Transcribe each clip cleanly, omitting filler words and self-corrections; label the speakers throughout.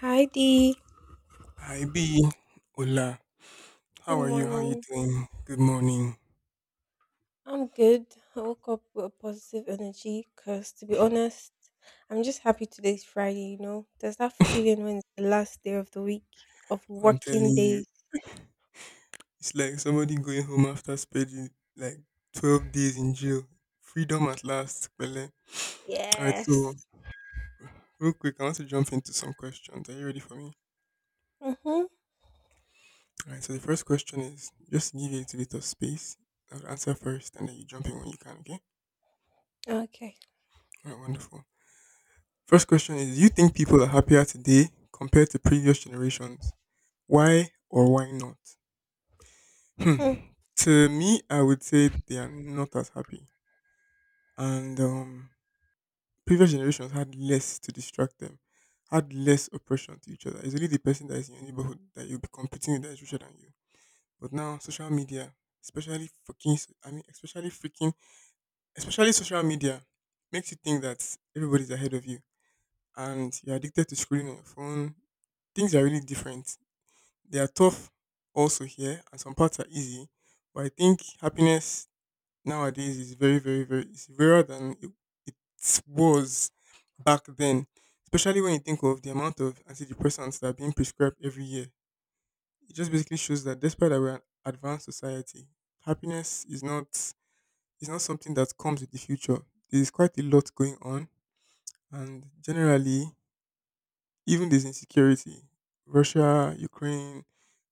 Speaker 1: Hi Dee.
Speaker 2: Hi B. Hola.
Speaker 1: Good
Speaker 2: How are you? How are you
Speaker 1: morning.
Speaker 2: doing? Good morning.
Speaker 1: I'm good. I woke up with a positive energy because, to be honest, I'm just happy today's Friday, you know? There's that feeling when it's the last day of the week, of
Speaker 2: I'm
Speaker 1: working
Speaker 2: telling you,
Speaker 1: days.
Speaker 2: it's like somebody going home after spending like 12 days in jail. Freedom at last. Bele. All right,
Speaker 1: Yes.
Speaker 2: so real quick, I want to jump into some questions. Are you ready for me?
Speaker 1: Mm-hmm.
Speaker 2: All right, so the first question is just to give you a little bit of space. I'll answer first and then you jump in when you can, okay?
Speaker 1: Okay.
Speaker 2: All right, wonderful. First question is, do you think people are happier today compared to previous generations? Why or why not?
Speaker 1: Hmm.
Speaker 2: Hmm. To me, I would say they are not as happy. And Previous generations had less to distract them, had less oppression to each other. It's only the person that is in your neighborhood that you'll be competing with that is richer than you. But now, social media, especially fucking, s- I mean, especially freaking, especially social media, makes you think that everybody's ahead of you. And you're addicted to scrolling on your phone. Things are really different. They are tough also here, and some parts are easy. But I think happiness nowadays is very, very, very it's rarer than it, it was back then. Especially when you think of the amount of antidepressants that are being prescribed every year. It just basically shows that despite that we're an advanced society, happiness is not something that comes with the future. There's quite a lot going on, and generally, even there's insecurity. Russia, Ukraine,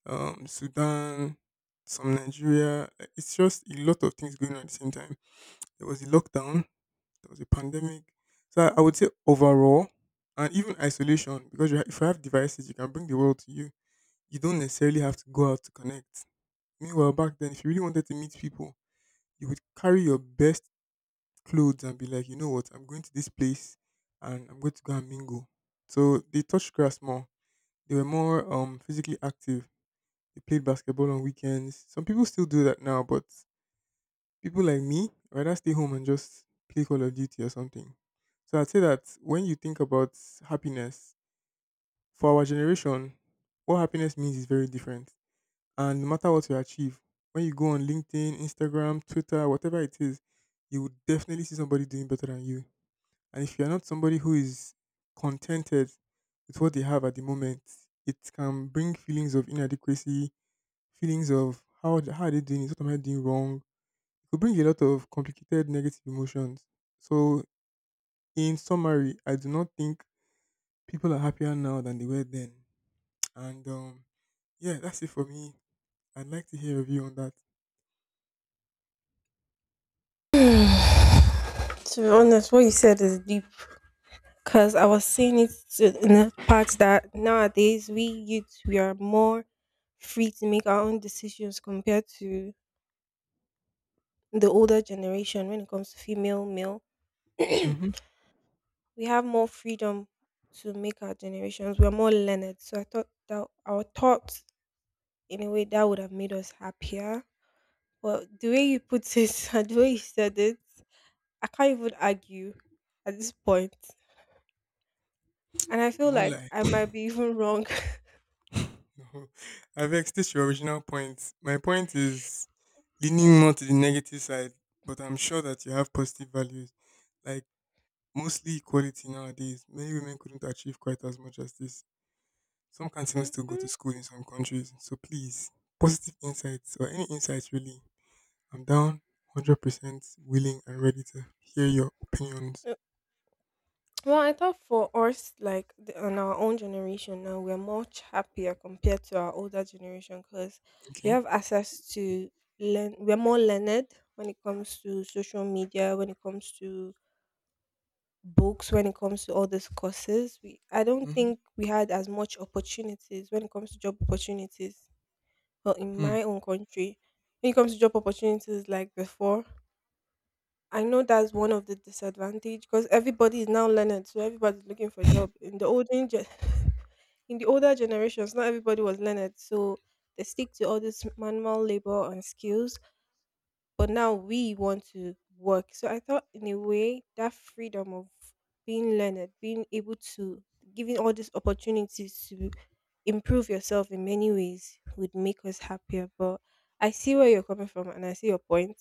Speaker 2: Sudan, some Nigeria. Like, it's just a lot of things going on at the same time. There was a lockdown there was a pandemic. So I would say overall, and even isolation, because if you have devices, you can bring the world to you. You don't necessarily have to go out to connect. Meanwhile, back then, if you really wanted to meet people, you would carry your best clothes and be like, you know what, I'm going to this place and I'm going to go and mingle. So they touched grass more. They were more physically active. They played basketball on weekends. Some people still do that now, but people like me rather stay home and just play Call of Duty or something. So I'd say that when you think about happiness, for our generation, what happiness means is very different. And no matter what you achieve, when you go on LinkedIn, Instagram, Twitter, whatever it is, you would definitely see somebody doing better than you. And if you're not somebody who is contented with what they have at the moment, it can bring feelings of inadequacy, feelings of how are they doing it? What am I doing wrong? Could bring a lot of complicated negative emotions. So, in summary, I do not think people are happier now than they were then. And Yeah, that's it for me. I'd like to hear a view on that.
Speaker 1: To be honest, what you said is deep because I was saying it to, in the part that nowadays we youths, we are more free to make our own decisions compared to the older generation when it comes to female, male. We
Speaker 2: Mm-hmm.
Speaker 1: have more freedom to make our generations. We're more learned. So I thought that our thoughts, in a way, that would have made us happier. But the way you put it and the way you said it, I can't even argue at this point. And I
Speaker 2: I
Speaker 1: feel
Speaker 2: won't
Speaker 1: like
Speaker 2: lie.
Speaker 1: I might be even wrong.
Speaker 2: No, I've extended your original point. My point is leaning more to the negative side, but I'm sure that you have positive values, like mostly equality nowadays. Many women couldn't achieve quite as much as this. Some can even
Speaker 1: Mhm.
Speaker 2: still go to school in some countries. So please, positive insights or any insights really, I'm down 100% willing and ready to hear your opinions.
Speaker 1: Well, I thought for us, like on our own generation now, we're much happier compared to our older generation because we
Speaker 2: Okay?
Speaker 1: have access to learn. We're more learned when it comes to social media, when it comes to books, when it comes to all these courses. I don't
Speaker 2: Mm-hmm.
Speaker 1: think we had as much opportunities when it comes to job opportunities. Well, in
Speaker 2: Hmm.
Speaker 1: my own country, when it comes to job opportunities, like before, I know that's one of the disadvantage because everybody is now learned, so everybody's looking for a job. In the olden gen- In the older generations, not everybody was learned, so they stick to all this manual labor and skills. But now we want to work, so I thought in a way that freedom of being learned, being able to giving all these opportunities to improve yourself in many ways would make us happier. But I see where you're coming from, and I see your point.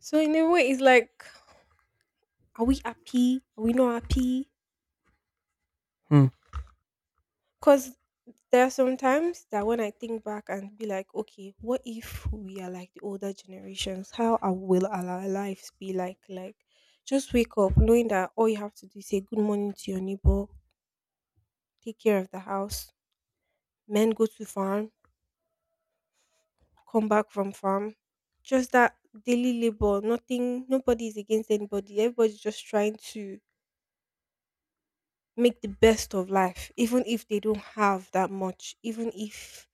Speaker 1: So in a way, it's like, are we happy? Are we not happy?
Speaker 2: Hmm.
Speaker 1: Because there are some times that when I think back and be like, okay, what if we are like the older generations? Will our lives be like? Like, just wake up knowing that all you have to do is say good morning to your neighbor, take care of the house, men go to farm, come back from farm. Just that daily labor, nothing, nobody is against anybody. Everybody's just trying to make the best of life, even if they don't have that much, even if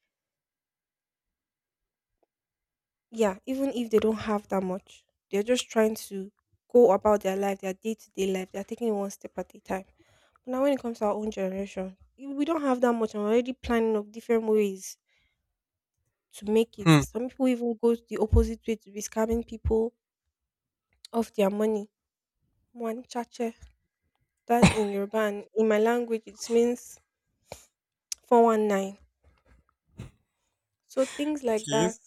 Speaker 1: yeah, even if they don't have that much, they're just trying to go about their life, their day to day life. They're taking it one step at a time. But now, when it comes to our own generation, we don't have that much. I'm already planning of different ways to make it.
Speaker 2: Hmm.
Speaker 1: Some people even go the opposite way to be scamming people of their money. One chache, that's in Yoruba, and in my language, it means 419. So things like
Speaker 2: Okay.
Speaker 1: that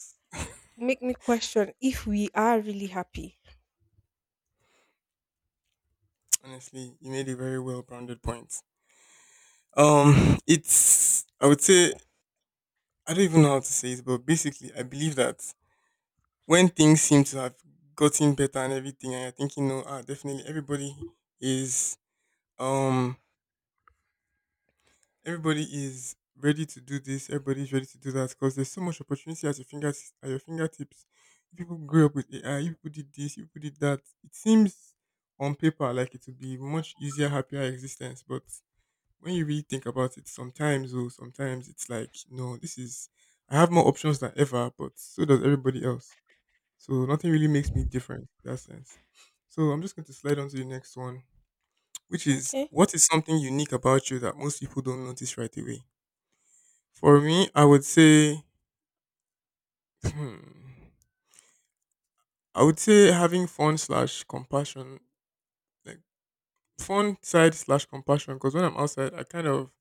Speaker 1: make me question if we are really happy.
Speaker 2: Honestly, you made a very well-rounded point. It's, I would say, I don't even know how to say it, but basically, I believe that when things seem to have gotten better and everything, and you're thinking, no, ah, definitely is, um, everybody is ready to do this, everybody is ready to do that because there's so much opportunity at your fingertips. If people grew up with AI, if people did this, if people did that. It seems on paper like it would be much easier, happier existence, but when you really think about it, sometimes oh, sometimes it's like, no, this is I have more options than ever, but so does everybody else. So nothing really makes me different in that sense. So I'm just going to slide on to the next one, which is,
Speaker 1: Okay.
Speaker 2: what is something unique about you that most people don't notice right away? For me, I would say, hmm, I would say having fun slash compassion, like fun side slash compassion, because when I'm outside, I kind of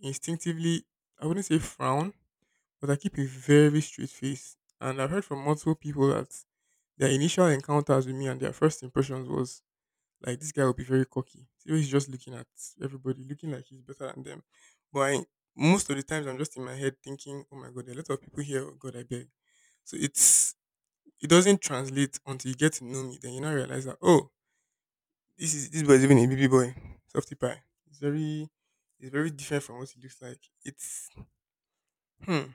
Speaker 2: instinctively, I wouldn't say frown, but I keep a very straight face. And I've heard from multiple people that their initial encounters with me and their first impressions was like, this guy will be very cocky. So he's just looking at everybody, looking like he's better than them. But I, most of the times, I'm just in my head thinking, oh my God, there are a lot of people here. Oh God, I beg. So it doesn't translate until you get to know me. Then you now realize that oh, this boy is even a baby boy, softy pie. It's very different from what he looks like. It's hmm.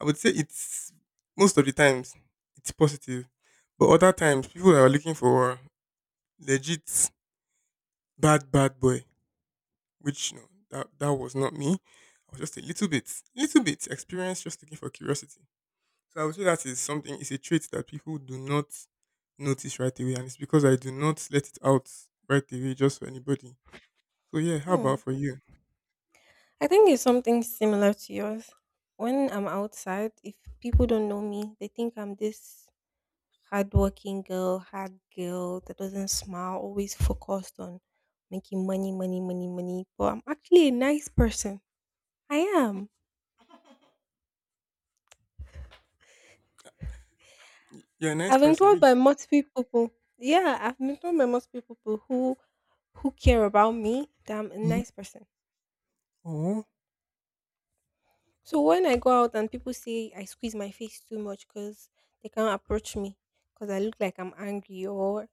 Speaker 2: I would say it's most of the times it's positive, but other times people are looking for legit bad boy, which you know that was not me. I was just a little bit experienced, just looking for curiosity. So I would say that is something, it's a trait that people do not notice right away. And it's because I do not let it out right away just for anybody. So yeah, how about
Speaker 1: Hmm.
Speaker 2: for you?
Speaker 1: I think it's something similar to yours. When I'm outside, if people don't know me, they think I'm this hardworking girl, hard girl that doesn't smile, always focused on making money, money, money, money. But I'm actually a nice person. I am.
Speaker 2: You're a nice
Speaker 1: I've been
Speaker 2: person,
Speaker 1: told
Speaker 2: really.
Speaker 1: by multiple people. Yeah, I've been told by multiple people who care about me that I'm a
Speaker 2: Hmm.
Speaker 1: nice person.
Speaker 2: Oh,
Speaker 1: So when I go out and people say I squeeze my face too much because they can't approach me because I look like I'm angry, or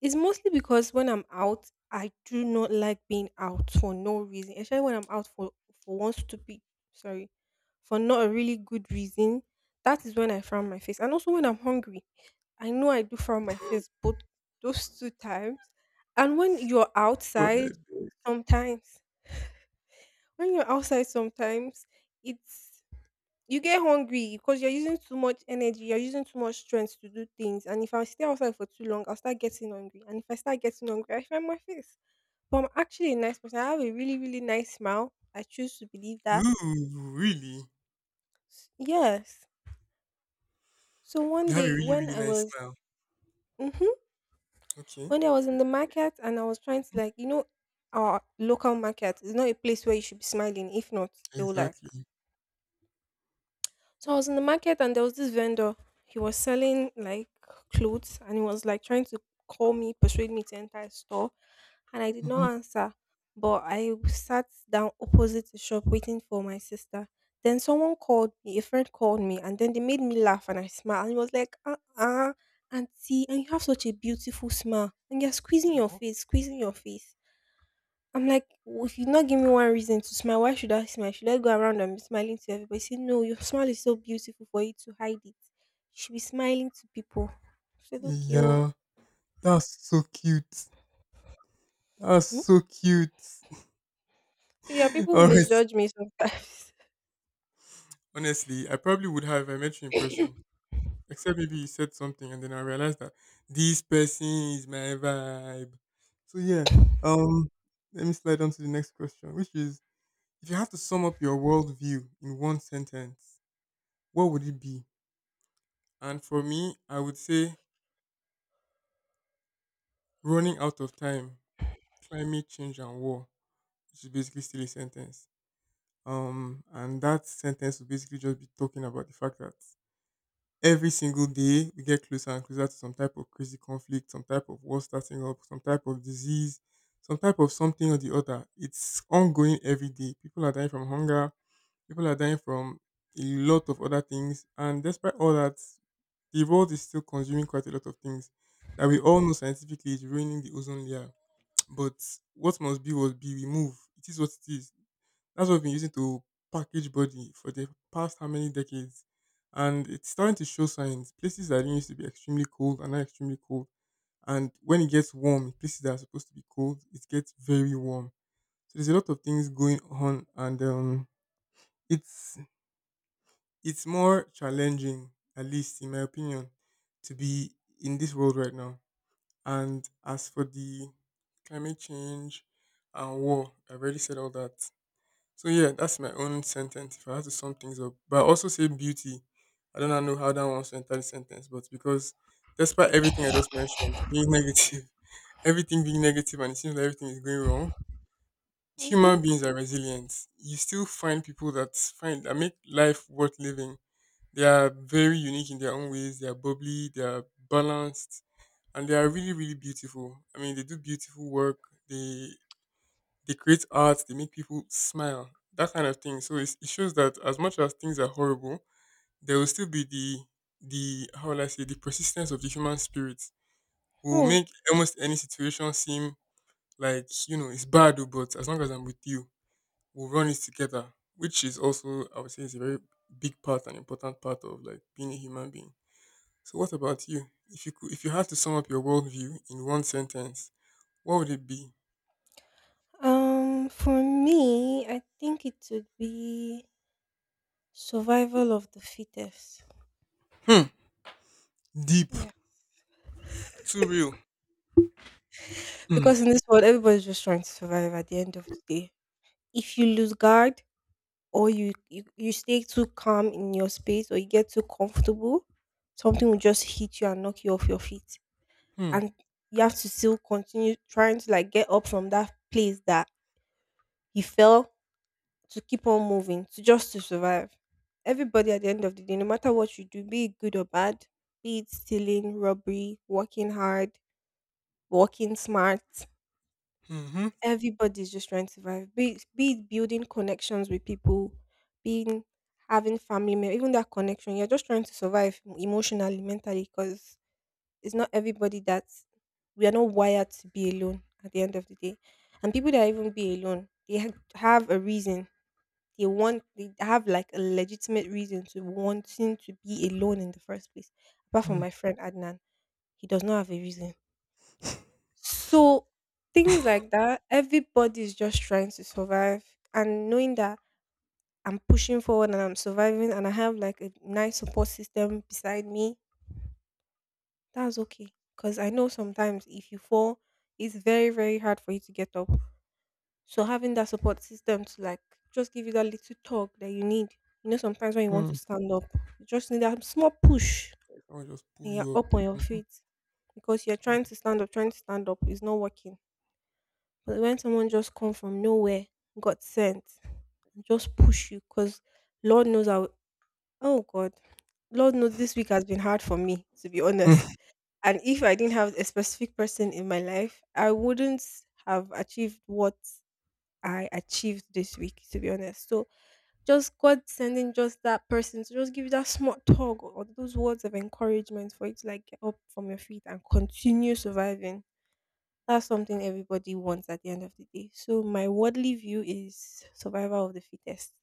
Speaker 1: it's mostly because when I'm out, I do not like being out for no reason. Especially when I'm out for one stupid sorry, for not a really good reason. That is when I frown my face. And also when I'm hungry. I know I do frown my face both those two times. And
Speaker 2: God, I beg.
Speaker 1: sometimes when you're outside sometimes it's you get hungry because you're using too much energy, you're using too much strength to do things. And if I stay outside for too long, I'll start getting hungry. And if I start getting hungry, I find my face. But I'm actually a nice person. I have a really, really nice smile. I choose to believe that.
Speaker 2: Ooh, really?
Speaker 1: Yes. So one
Speaker 2: You have a
Speaker 1: day
Speaker 2: really,
Speaker 1: when
Speaker 2: really
Speaker 1: I
Speaker 2: nice
Speaker 1: was
Speaker 2: smile.
Speaker 1: hmm
Speaker 2: Okay.
Speaker 1: when I was in the market and I was trying to like, our local market is not a place where you should be smiling. If not, they will like
Speaker 2: Exactly.
Speaker 1: so I was in the market and there was this vendor. He was selling like clothes and he was like trying to call me, persuade me to enter his store. And I did
Speaker 2: Hmm.
Speaker 1: not answer. But I sat down opposite the shop waiting for my sister. Then someone called me, a friend called me, and then they made me laugh and I smiled. And he was like, auntie, and you have such a beautiful smile. And you're squeezing your face, squeezing your face. I'm like, "If you not give me one reason to smile, why should I smile? Should I go around and be smiling to everybody? Say, no, your smile is so beautiful for you to hide it. You should be smiling to people. I said, okay, oh.
Speaker 2: Yeah, that's so cute. That's
Speaker 1: Hmm?
Speaker 2: so cute.
Speaker 1: So yeah, people
Speaker 2: All right.
Speaker 1: misjudge me sometimes.
Speaker 2: Honestly, I probably would have if I met you in person. Except maybe you said something and then I realized that this person is my vibe. So yeah. Um Let me slide on to the next question, which is, if you have to sum up your worldview in one sentence, what would it be? And for me, I would say running out of time, climate change and war, which is basically still a sentence. And that sentence would basically just be talking about the fact that every single day we get closer and closer to some type of crazy conflict, some type of war starting up, some type of disease, some type of something or the other. It's ongoing every day. People are dying from hunger, people are dying from a lot of other things. And despite all that, the world is still consuming quite a lot of things that we all know scientifically is ruining the ozone layer. But what must be, will be. We move. It is what it is. That's what we've been using to package body for the past how many decades. And it's starting to show signs. Places that didn't used to be extremely cold are now extremely cold. And when it gets warm, places that are supposed to be cold, it gets very warm. So there's a lot of things going on, and it's it's more challenging, at least in my opinion, to be in this world right now. And as for the climate change and war, I've already said all that. So yeah, that's my own sentence. If I had to sum things up, but I also say beauty. I do not know how that wants to enter the sentence, but because despite everything I just mentioned, being negative, everything being negative, and it seems like everything is going wrong,
Speaker 1: Mm-hmm.
Speaker 2: human beings are resilient. You still find people that find that make life worth living. They are very unique in their own ways. They are bubbly. They are balanced, and they are really, really beautiful. I mean, they do beautiful work. They they create art, they make people smile, that kind of thing. So it's, it shows that as much as things are horrible, there will still be the, how will I say, the persistence of the human spirit will
Speaker 1: Oh.
Speaker 2: make almost any situation seem like, you know, it's bad, oh, but as long as I'm with you, we'll run it together. Which is also, I would say, is a very big part, an important part of like being a human being. So what about you? If you had to sum up your worldview in one sentence, what would it be?
Speaker 1: For me, I think it would be survival of the fittest.
Speaker 2: Hmm. Deep.
Speaker 1: Yeah,
Speaker 2: Too real.
Speaker 1: because
Speaker 2: Hmm.
Speaker 1: in this world, everybody's just trying to survive. At the end of the day, if you lose guard, or you stay too calm in your space or you get too comfortable, something will just hit you and knock you off your feet.
Speaker 2: Hmm.
Speaker 1: And you have to still continue trying to like get up from that place that you fell to keep on moving, to just to survive. Everybody at the end of the day, no matter what you do, be it good or bad, be it stealing, robbery, working hard, working smart,
Speaker 2: Mhm.
Speaker 1: everybody's just trying to survive. Be it building connections with people, being having family, even that connection. You're just trying to survive emotionally, mentally, because it's not everybody that we are not wired to be alone at the end of the day. And people that even be alone, they have a reason. They have like a legitimate reason to wanting to be alone in the first place. Apart from
Speaker 2: Mm.
Speaker 1: my friend Adnan, he does not have a reason. So things like that, everybody's just trying to survive, and knowing that I'm pushing forward and I'm surviving and I have like a nice support system beside me, that's okay. Cause I know sometimes if you fall, it's very, very hard for you to get up. So having that support system to like just give you that little talk that you need. You know, sometimes when you want to
Speaker 2: Mm.
Speaker 1: stand up, you just need that small push
Speaker 2: I'll just pull
Speaker 1: and you're
Speaker 2: you up.
Speaker 1: up on your
Speaker 2: Mhm.
Speaker 1: feet. Because you're trying to stand up, trying to stand up, is not working. But when someone just come from nowhere, got sent, and just push you, because Lord knows I, w- oh God, Lord knows this week has been hard for me, to be honest.
Speaker 2: Mm.
Speaker 1: And if I didn't have a specific person in my life, I wouldn't have achieved what I achieved this week, to be honest. So just God sending just that person to just give you that small tug or those words of encouragement for you to like get up from your feet and continue surviving. That's something everybody wants at the end of the day. So my worldly view is survival of the fittest.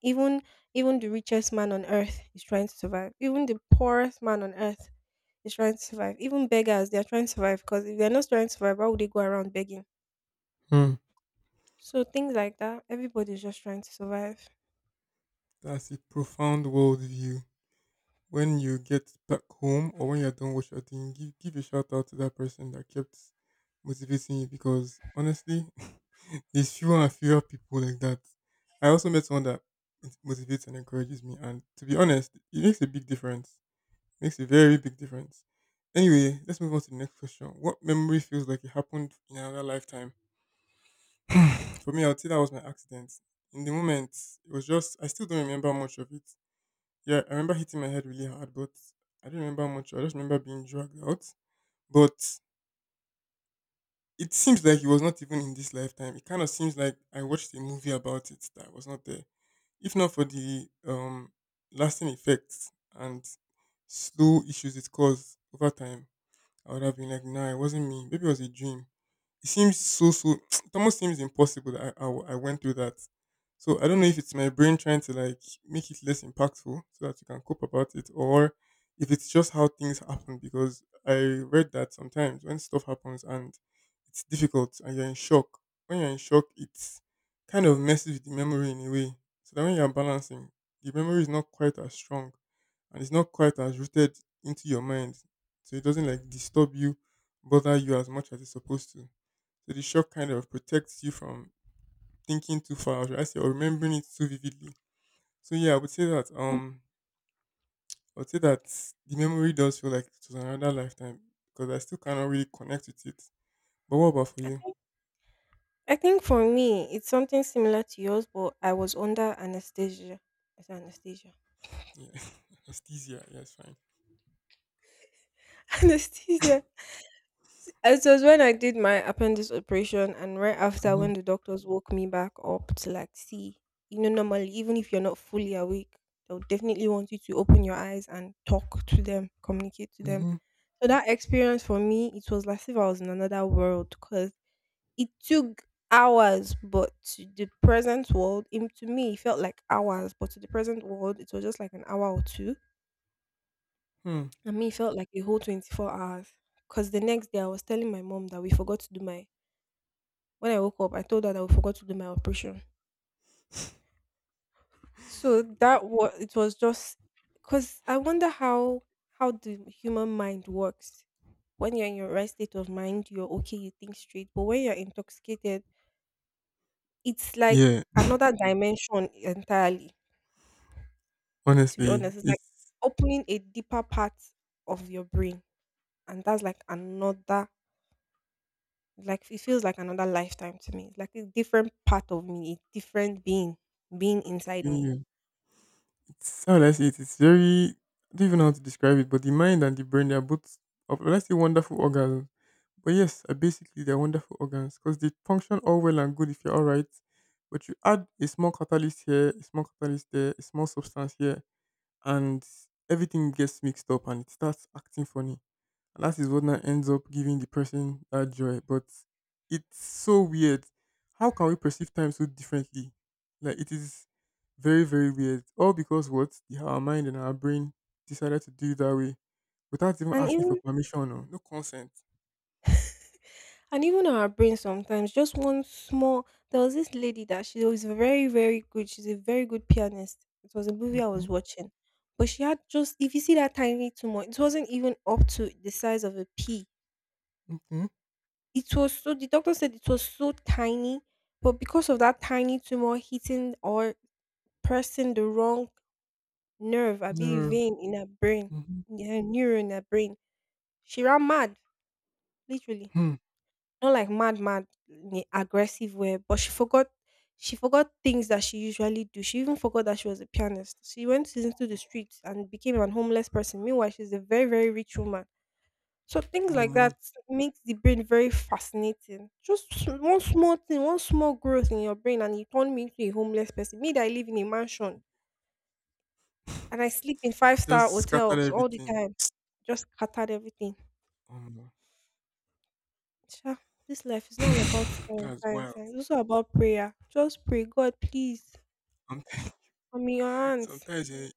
Speaker 1: Even even the richest man on earth is trying to survive. Even the poorest man on earth is trying to survive. Even beggars, they are trying to survive because if they're not trying to survive, why would they go around begging?
Speaker 2: Mhm.
Speaker 1: So things like that, everybody's just trying to survive.
Speaker 2: That's a profound worldview. When you get back home or when you're done what you're doing, give a shout out to that person that kept motivating you because honestly, there's fewer and fewer people like that. I also met someone that it motivates and encourages me, and to be honest, it makes a big difference. Makes a very big difference. Anyway, let's move on to the next question. What memory feels like it happened in another lifetime? For me, I would say that was my accident. In the moment, it was just, I still don't remember much of it. Yeah, I remember hitting my head really hard, but I don't remember much. I just remember being dragged out. But it seems like it was not even in this lifetime. It kind of seems like I watched a movie about it that was not there. If not for the lasting effects and slow issues it caused over time, I would have been like, nah, it wasn't me. Maybe it was a dream. It seems so, so, it almost seems impossible that I went through that. So I don't know if it's my brain trying to like make it less impactful so that you can cope about it, or if it's just how things happen. Because I read that sometimes when stuff happens and it's difficult and you're in shock, when you're in shock, it's kind of messes with the memory in a way. So that when you're balancing, the memory is not quite as strong and it's not quite as rooted into your mind so it doesn't like disturb you, bother you as much as it's supposed to. So the shock kind of protects you from thinking too far, or should I say, or remembering it too vividly. So yeah, I would say that
Speaker 1: Mm.
Speaker 2: um, I would say that the memory does feel like it was another lifetime because I still cannot really connect with it. But what about for
Speaker 1: I,
Speaker 2: you?
Speaker 1: th- I think for me, it's something similar to yours, but I was under anesthesia. I said anesthesia.
Speaker 2: Yeah, anesthesia. Yeah, it's fine.
Speaker 1: Anesthesia. It was when I did my appendix operation, and right after,
Speaker 2: Mm-hmm.
Speaker 1: when the doctors woke me back up to like see, normally, even if you're not fully awake, they'll definitely want you to open your eyes and talk to them, communicate to them.
Speaker 2: Mm-hmm.
Speaker 1: So that experience for me, it was like if I was in another world because it took hours, but to the present world, to me, it felt like hours, but to the present world, it was just like an hour or two.
Speaker 2: Hmm.
Speaker 1: And me, it felt like a whole 24 hours. Because the next day, I was telling my mom that we forgot to do my. When I woke up, I told her that we forgot to do my operation. So that was it was just because I wonder how the human mind works. When you're in your right state of mind, you're okay, you think straight. But when you're intoxicated, it's like
Speaker 2: Yeah,
Speaker 1: another dimension entirely. To be
Speaker 2: honestly,
Speaker 1: honest, it's like
Speaker 2: it's
Speaker 1: opening a deeper part of your brain, and that's like another, like, it feels like another lifetime to me. It's like a different part of me, a different being inside me.
Speaker 2: yeah, it's how will I say it. It's very I don't even know how to describe it, but the mind and the brain they are both, let's say, wonderful organs. But yes, basically they're wonderful organs because they function all well and good if you're all right. But you add a small catalyst here, a small catalyst there, a small substance here, and everything gets mixed up and it starts acting funny. And that is what now ends up giving the person that joy. But it's so weird. How can we perceive time so differently? Like it is very, very weird. All because what the- our mind and our brain decided to do it that way without even
Speaker 1: And
Speaker 2: asking for
Speaker 1: even
Speaker 2: permission or no consent.
Speaker 1: and even our brain sometimes, just one small— there was this lady that she was very, very good, she's a very good pianist. It was a movie I was watching, but she had just— if you see that tiny tumor, it wasn't even up to the size of a pea.
Speaker 2: Okay.
Speaker 1: It was so— the doctor said it was so tiny, but because of that tiny tumor hitting or pressing the wrong nerve, I believe
Speaker 2: Nerve.
Speaker 1: vein in her brain,
Speaker 2: Mhm.
Speaker 1: in her neuron in her brain, she ran mad, literally.
Speaker 2: Hmm.
Speaker 1: Not like mad, mad in a aggressive way, but she forgot things that she usually do. She even forgot that she was a pianist. She went into the streets and became an homeless person. Meanwhile, she's a very, very rich woman. So things
Speaker 2: Oh
Speaker 1: like
Speaker 2: man,
Speaker 1: that makes the brain very fascinating. Just one small thing, one small growth in your brain, and you turn me into a homeless person. Me that I live in a mansion and I sleep in five
Speaker 2: just
Speaker 1: star
Speaker 2: scattered
Speaker 1: hotels all the
Speaker 2: everything.
Speaker 1: time. Just scattered everything.
Speaker 2: Oh man,
Speaker 1: Sha, this life is not all about science,
Speaker 2: that's
Speaker 1: science,
Speaker 2: wild.
Speaker 1: science. It's also about prayer. Just pray, God, please,
Speaker 2: Some-
Speaker 1: I'm in your hands.
Speaker 2: sometimes eh,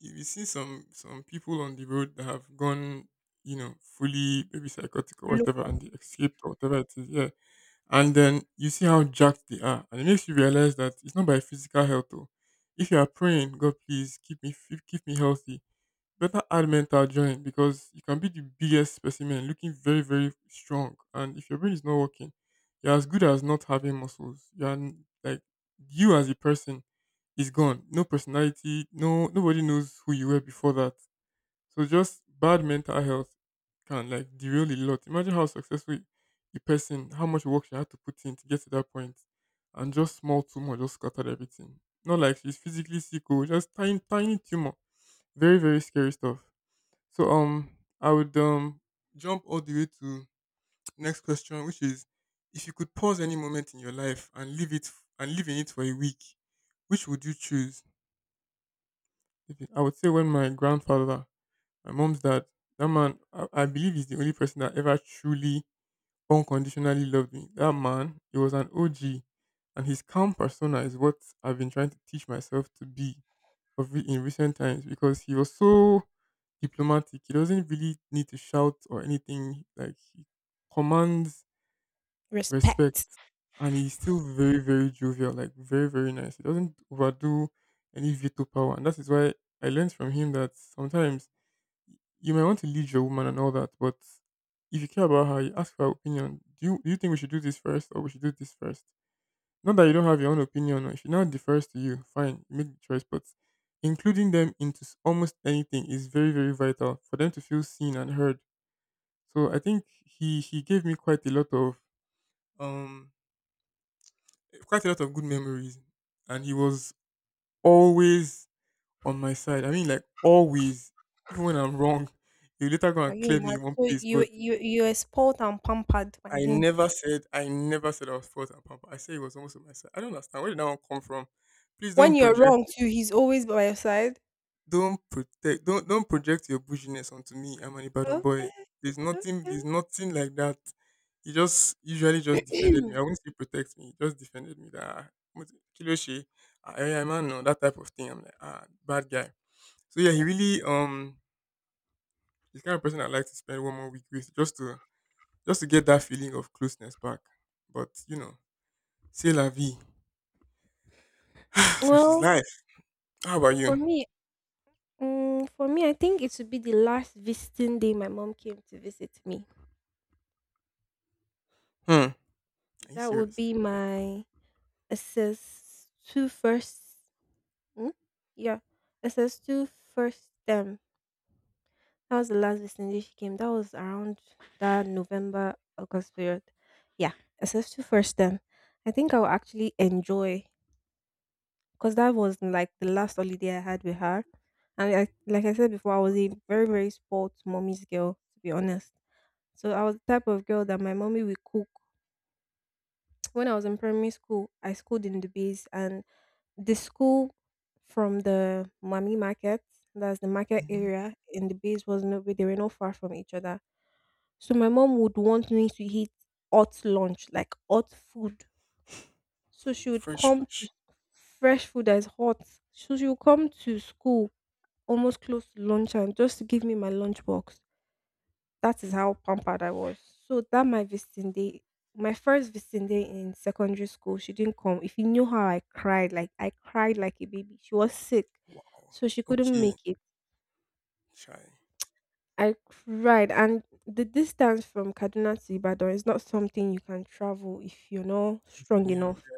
Speaker 2: if you see some people on the road that have gone, you know, fully maybe psychotic or
Speaker 1: Look,
Speaker 2: whatever,
Speaker 1: up.
Speaker 2: and they escaped or whatever it is, yeah. And then you see how jacked they are, and it makes you realize that it's not by physical health. Though. If you are praying, God, please keep me fit- keep me healthy, better add mental join because you can be the biggest specimen looking very, very strong. And if your brain is not working, you're as good as not having muscles. You're n- like, you as a person is gone. No personality, no, nobody knows who you were before that. So just bad mental health can like derail a lot. Imagine how successful a person, how much work she had to put in to get to that point, and just small tumor just scattered everything. Not like she's physically sick, or just tiny, tiny tumor. Very, very scary stuff. So um, I would jump all the way to next question, which is if you could pause any moment in your life and leave it f- and live in it for a week, which would you choose? If it- I would say when my grandfather, my mom's dad, that man, I believe he's the only person that ever truly unconditionally loved me. That man, he was an OG, and his calm persona is what I've been trying to teach myself to be of re- in recent times because he was so diplomatic. He doesn't really need to shout or anything. Like he commands respect,
Speaker 1: Respect.
Speaker 2: and he's still very very jovial, like very very nice. He doesn't overdo any veto power, and that is why I learned from him that sometimes you might want to lead your woman and all that, but if you care about her, you ask for her opinion. Do you think we should do this first or we should do this first? Not that you don't have your own opinion, or if no differs to you, fine, you make the choice. But including them into s- almost anything is very, very vital for them to feel seen and heard. So I think he gave me quite a lot of um quite a lot of good memories, and he was always on my side. I mean, like always, even when I'm wrong, he would later go
Speaker 1: Can
Speaker 2: and
Speaker 1: you
Speaker 2: clear me
Speaker 1: imagine?
Speaker 2: in one
Speaker 1: So
Speaker 2: place.
Speaker 1: you
Speaker 2: But
Speaker 1: you you are spoiled and pampered by him.
Speaker 2: I never said I was fault and pamper. I said he was almost on my side. I don't understand where did that one come from. Please
Speaker 1: When
Speaker 2: don't
Speaker 1: you're
Speaker 2: project.
Speaker 1: wrong too, he's always by your side.
Speaker 2: Don't protect don't project your bouginess onto me. I'm an Ibadan boy.
Speaker 1: Okay,
Speaker 2: There's
Speaker 1: okay.
Speaker 2: nothing like that. He just usually just defended me. I wouldn't say protect me, he just defended me that "Ah, Mo- Kiloshi, I am man no," that type of thing. I'm like, ah, bad guy. So yeah, he really he's the kind of person I like to spend one more week with just to get that feeling of closeness back. But you know, c'est la vie. Such is
Speaker 1: Well,
Speaker 2: life. How about
Speaker 1: for
Speaker 2: you?
Speaker 1: me, for me, I think it would be the last visiting day my mom came to visit me.
Speaker 2: Hmm. Are you
Speaker 1: That would
Speaker 2: serious?
Speaker 1: be my assess two first. Hmm? Yeah. SS2 first term. That was the last vicinity she came. That was around that November, August period. Yeah. SS2 first term. I think I will actually enjoy because that was like the last holiday I had with her. And I, like I said before, I was a very, very spoiled mommy's girl, to be honest. So I was the type of girl that my mommy would cook. When I was in primary school, I schooled in Dubiz, and the school from the Mami Market— that's the market
Speaker 2: Mhm.
Speaker 1: area in the base— was not— they were not far from each other. So my mom would want me to eat hot lunch, like hot food. So she would
Speaker 2: Fresh,
Speaker 1: come to—
Speaker 2: fresh.
Speaker 1: fresh food that is hot. So she would come to school almost close to lunch and just to give me my lunchbox. That is how pampered I was. So that my visiting day, my first visiting day in secondary school, she didn't come. If you knew how I cried like a baby. She was sick,
Speaker 2: Wow.
Speaker 1: so she couldn't
Speaker 2: Okay.
Speaker 1: make it.
Speaker 2: Chai.
Speaker 1: I cried, and the distance from Kaduna to Ibadan is not something you can travel if you're not
Speaker 2: Just
Speaker 1: strong
Speaker 2: anyhow, yeah.
Speaker 1: enough.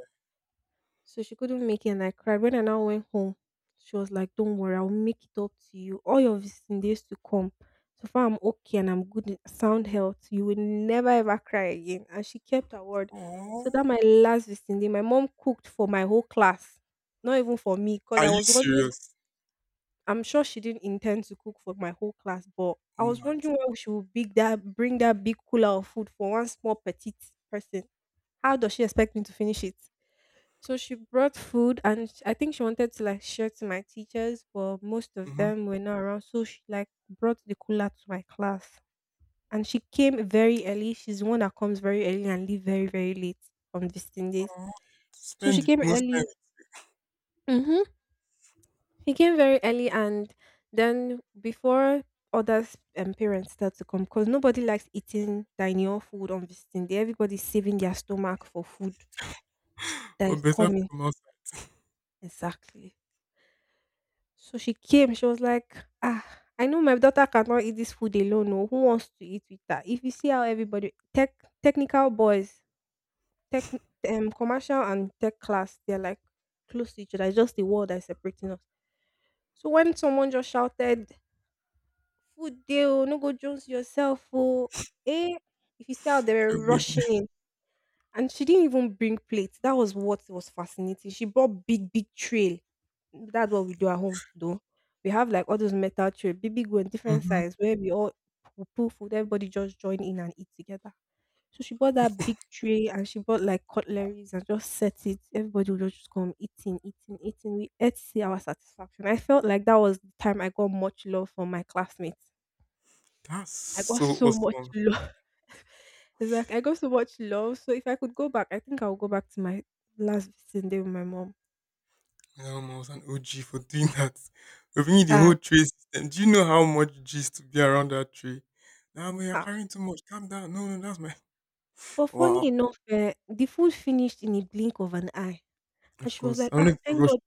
Speaker 1: So she couldn't make it and I cried. When I now went home, she was like, "Don't worry, I'll make it up to you. All your visiting days to come. So far I'm okay and I'm good in sound health, you will never ever cry again." And she kept her word.
Speaker 2: Aw.
Speaker 1: So that my last visiting day, my mom cooked for my whole class. Not even for me, because
Speaker 2: Are
Speaker 1: I
Speaker 2: you
Speaker 1: was wondering—
Speaker 2: serious?
Speaker 1: I'm sure she didn't intend to cook for my whole class, but I was
Speaker 2: Mad.
Speaker 1: wondering why she would big that bring that big cooler of food for one small petite person. How does she expect me to finish it? So she brought food and I think she wanted to like share to my teachers, but most of
Speaker 2: Mm-hmm.
Speaker 1: them were not around. So she like brought the cooler to my class. And she came very early. She's the one that comes very early and leave very, very late on visiting days. So she
Speaker 2: Spend the
Speaker 1: came
Speaker 2: most time.
Speaker 1: early. Mm-hmm. She came very early and then before others and parents start to come, because nobody likes eating dining hall food on visiting day. Everybody's saving their stomach for food that
Speaker 2: For
Speaker 1: is
Speaker 2: better
Speaker 1: coming.
Speaker 2: from outside
Speaker 1: Exactly. So she came, she was like, "Ah, I know my daughter cannot eat this food alone. No, who wants to eat with her?" If you see how everybody technical boys, tech commercial and tech class, they're like close to each other. It's just the wall that's separating us. So when someone just shouted, "Food dey oh, no go jones yourself oh," eh, if you see how they were
Speaker 2: everybody.
Speaker 1: rushing in. And she didn't even bring plates. That was what was fascinating. She brought big, big tray. That's what we do at home though. We have like all those metal tray, big, big one, different
Speaker 2: Mm-hmm.
Speaker 1: size, where we all pull food, everybody just join in and eat together. So she bought that big tray and she bought like cutleries and just set it. Everybody would just come eating, eating, eating. We ate to see our satisfaction. I felt like that was the time I got much love from my classmates.
Speaker 2: That's
Speaker 1: I got
Speaker 2: so
Speaker 1: so much
Speaker 2: awesome.
Speaker 1: love. Exactly. I got so much love. So if I could go back, I think I'll go back to my last visiting day with my mom.
Speaker 2: My mom was an OG for doing that. We're bringing the
Speaker 1: Ah,
Speaker 2: whole tray system. Do you know how much gist to be around that tree? Nah, man, you're
Speaker 1: ah.
Speaker 2: carrying too much. Calm down. No, no, that's my.
Speaker 1: But funny
Speaker 2: Wow.
Speaker 1: enough, eh, the food finished in a blink of an eye. And
Speaker 2: Of
Speaker 1: she was
Speaker 2: course.
Speaker 1: like,
Speaker 2: I'm
Speaker 1: "Ah,
Speaker 2: to
Speaker 1: thank
Speaker 2: rush.
Speaker 1: God."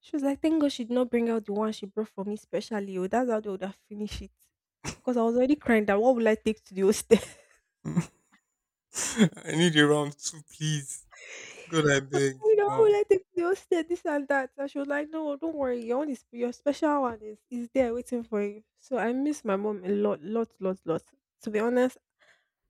Speaker 1: She was like, thank God she did not bring out the one she brought for me specially. Oh, that's how they would have finished it. Because I was already crying that what will I take to the hostel?
Speaker 2: I need a round two, please. God, I beg.
Speaker 1: You know,
Speaker 2: Wow.
Speaker 1: like they all said this and that. And she was like, "No, don't worry, your own is— your special one is— is there waiting for you." So I miss my mom a lot, lot, lot, lot. To be honest,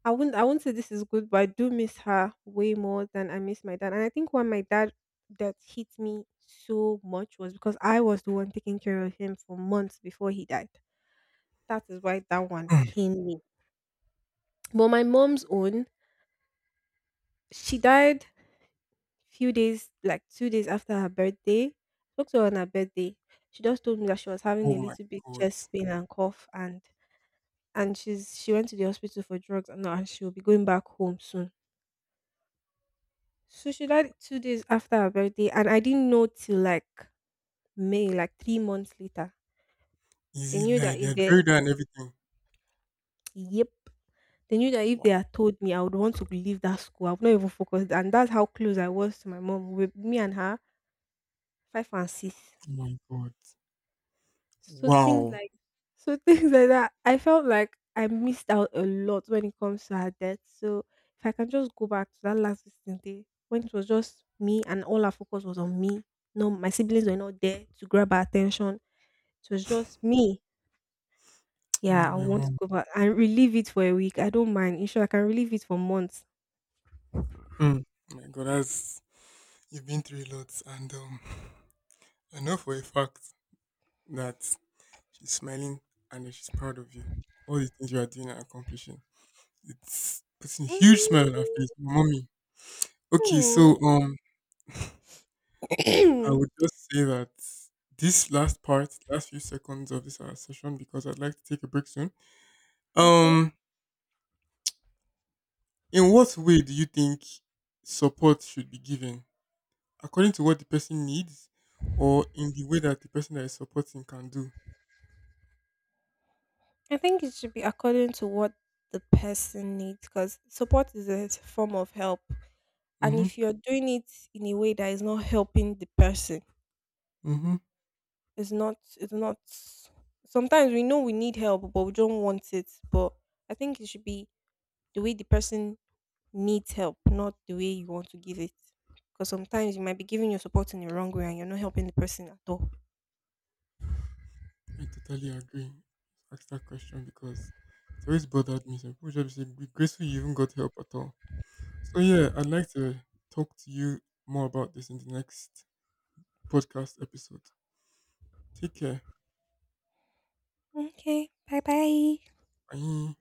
Speaker 1: I wouldn't say this is good, but I do miss her way more than I miss my dad. And I think why my dad that hit me so much was because I was the one taking care of him for months before he died. That is why that one pained me. But my mom's own, she died few days, like 2 days after her birthday. Spoke to her on her birthday. She just told me that she was having
Speaker 2: Oh
Speaker 1: a
Speaker 2: my
Speaker 1: little bit
Speaker 2: God.
Speaker 1: chest pain and cough, and she went to the hospital for drugs and now, and she will be going back home soon. So she died 2 days after her birthday, and I didn't know till like May, like 3 months later.
Speaker 2: Is
Speaker 1: They
Speaker 2: it
Speaker 1: knew that
Speaker 2: like they
Speaker 1: if
Speaker 2: had
Speaker 1: they—
Speaker 2: buried her and everything?
Speaker 1: yep, they knew that if they
Speaker 2: Wow.
Speaker 1: had told me, I would want to leave that school. I would not even focus, and that's how close I was to my mom, with me and her, five and six.
Speaker 2: Oh my god.
Speaker 1: So things
Speaker 2: Wow.
Speaker 1: like— so things like that, I felt like I missed out a lot when it comes to her death. So if I can just go back to that last visiting day when it was just me and all our focus was on me. No, my siblings were not there to grab our attention. It was just me.
Speaker 2: Me
Speaker 1: Yeah,
Speaker 2: and
Speaker 1: I
Speaker 2: my
Speaker 1: want to
Speaker 2: mom.
Speaker 1: go back and relive it for a week. I don't mind. In short, I can relive it for months.
Speaker 2: Hmm. Oh my god, that's you've been through a lot and I know for a fact that she's smiling and that she's proud of you. All the things you are doing and accomplishing. It's putting a huge smile on her face. Mommy. Okay,
Speaker 1: Mm.
Speaker 2: so um I would just say that this last part, last few seconds of this our session because I'd like to take a break soon.
Speaker 1: Okay.
Speaker 2: Um In what way do you think support should be given? According to what the person needs or in the way that the person that is supporting can do?
Speaker 1: I think it should be according to what the person needs, because support is a form of help. And
Speaker 2: Mm-hmm.
Speaker 1: if you're doing it in a way that is not helping the person,
Speaker 2: Mm-hmm.
Speaker 1: it's not, it's not. Sometimes we know we need help, but we don't want it. But I think it should be the way the person needs help, not the way you want to give it. Because sometimes you might be giving your support in the wrong way and you're not helping the person at all.
Speaker 2: I totally agree. Ask that question because it's always bothered me. Some people just be saying, be grateful you even got help at all. So yeah, I'd like to talk to you more about this in the next podcast episode. Take care.
Speaker 1: Okay, bye bye.
Speaker 2: Bye.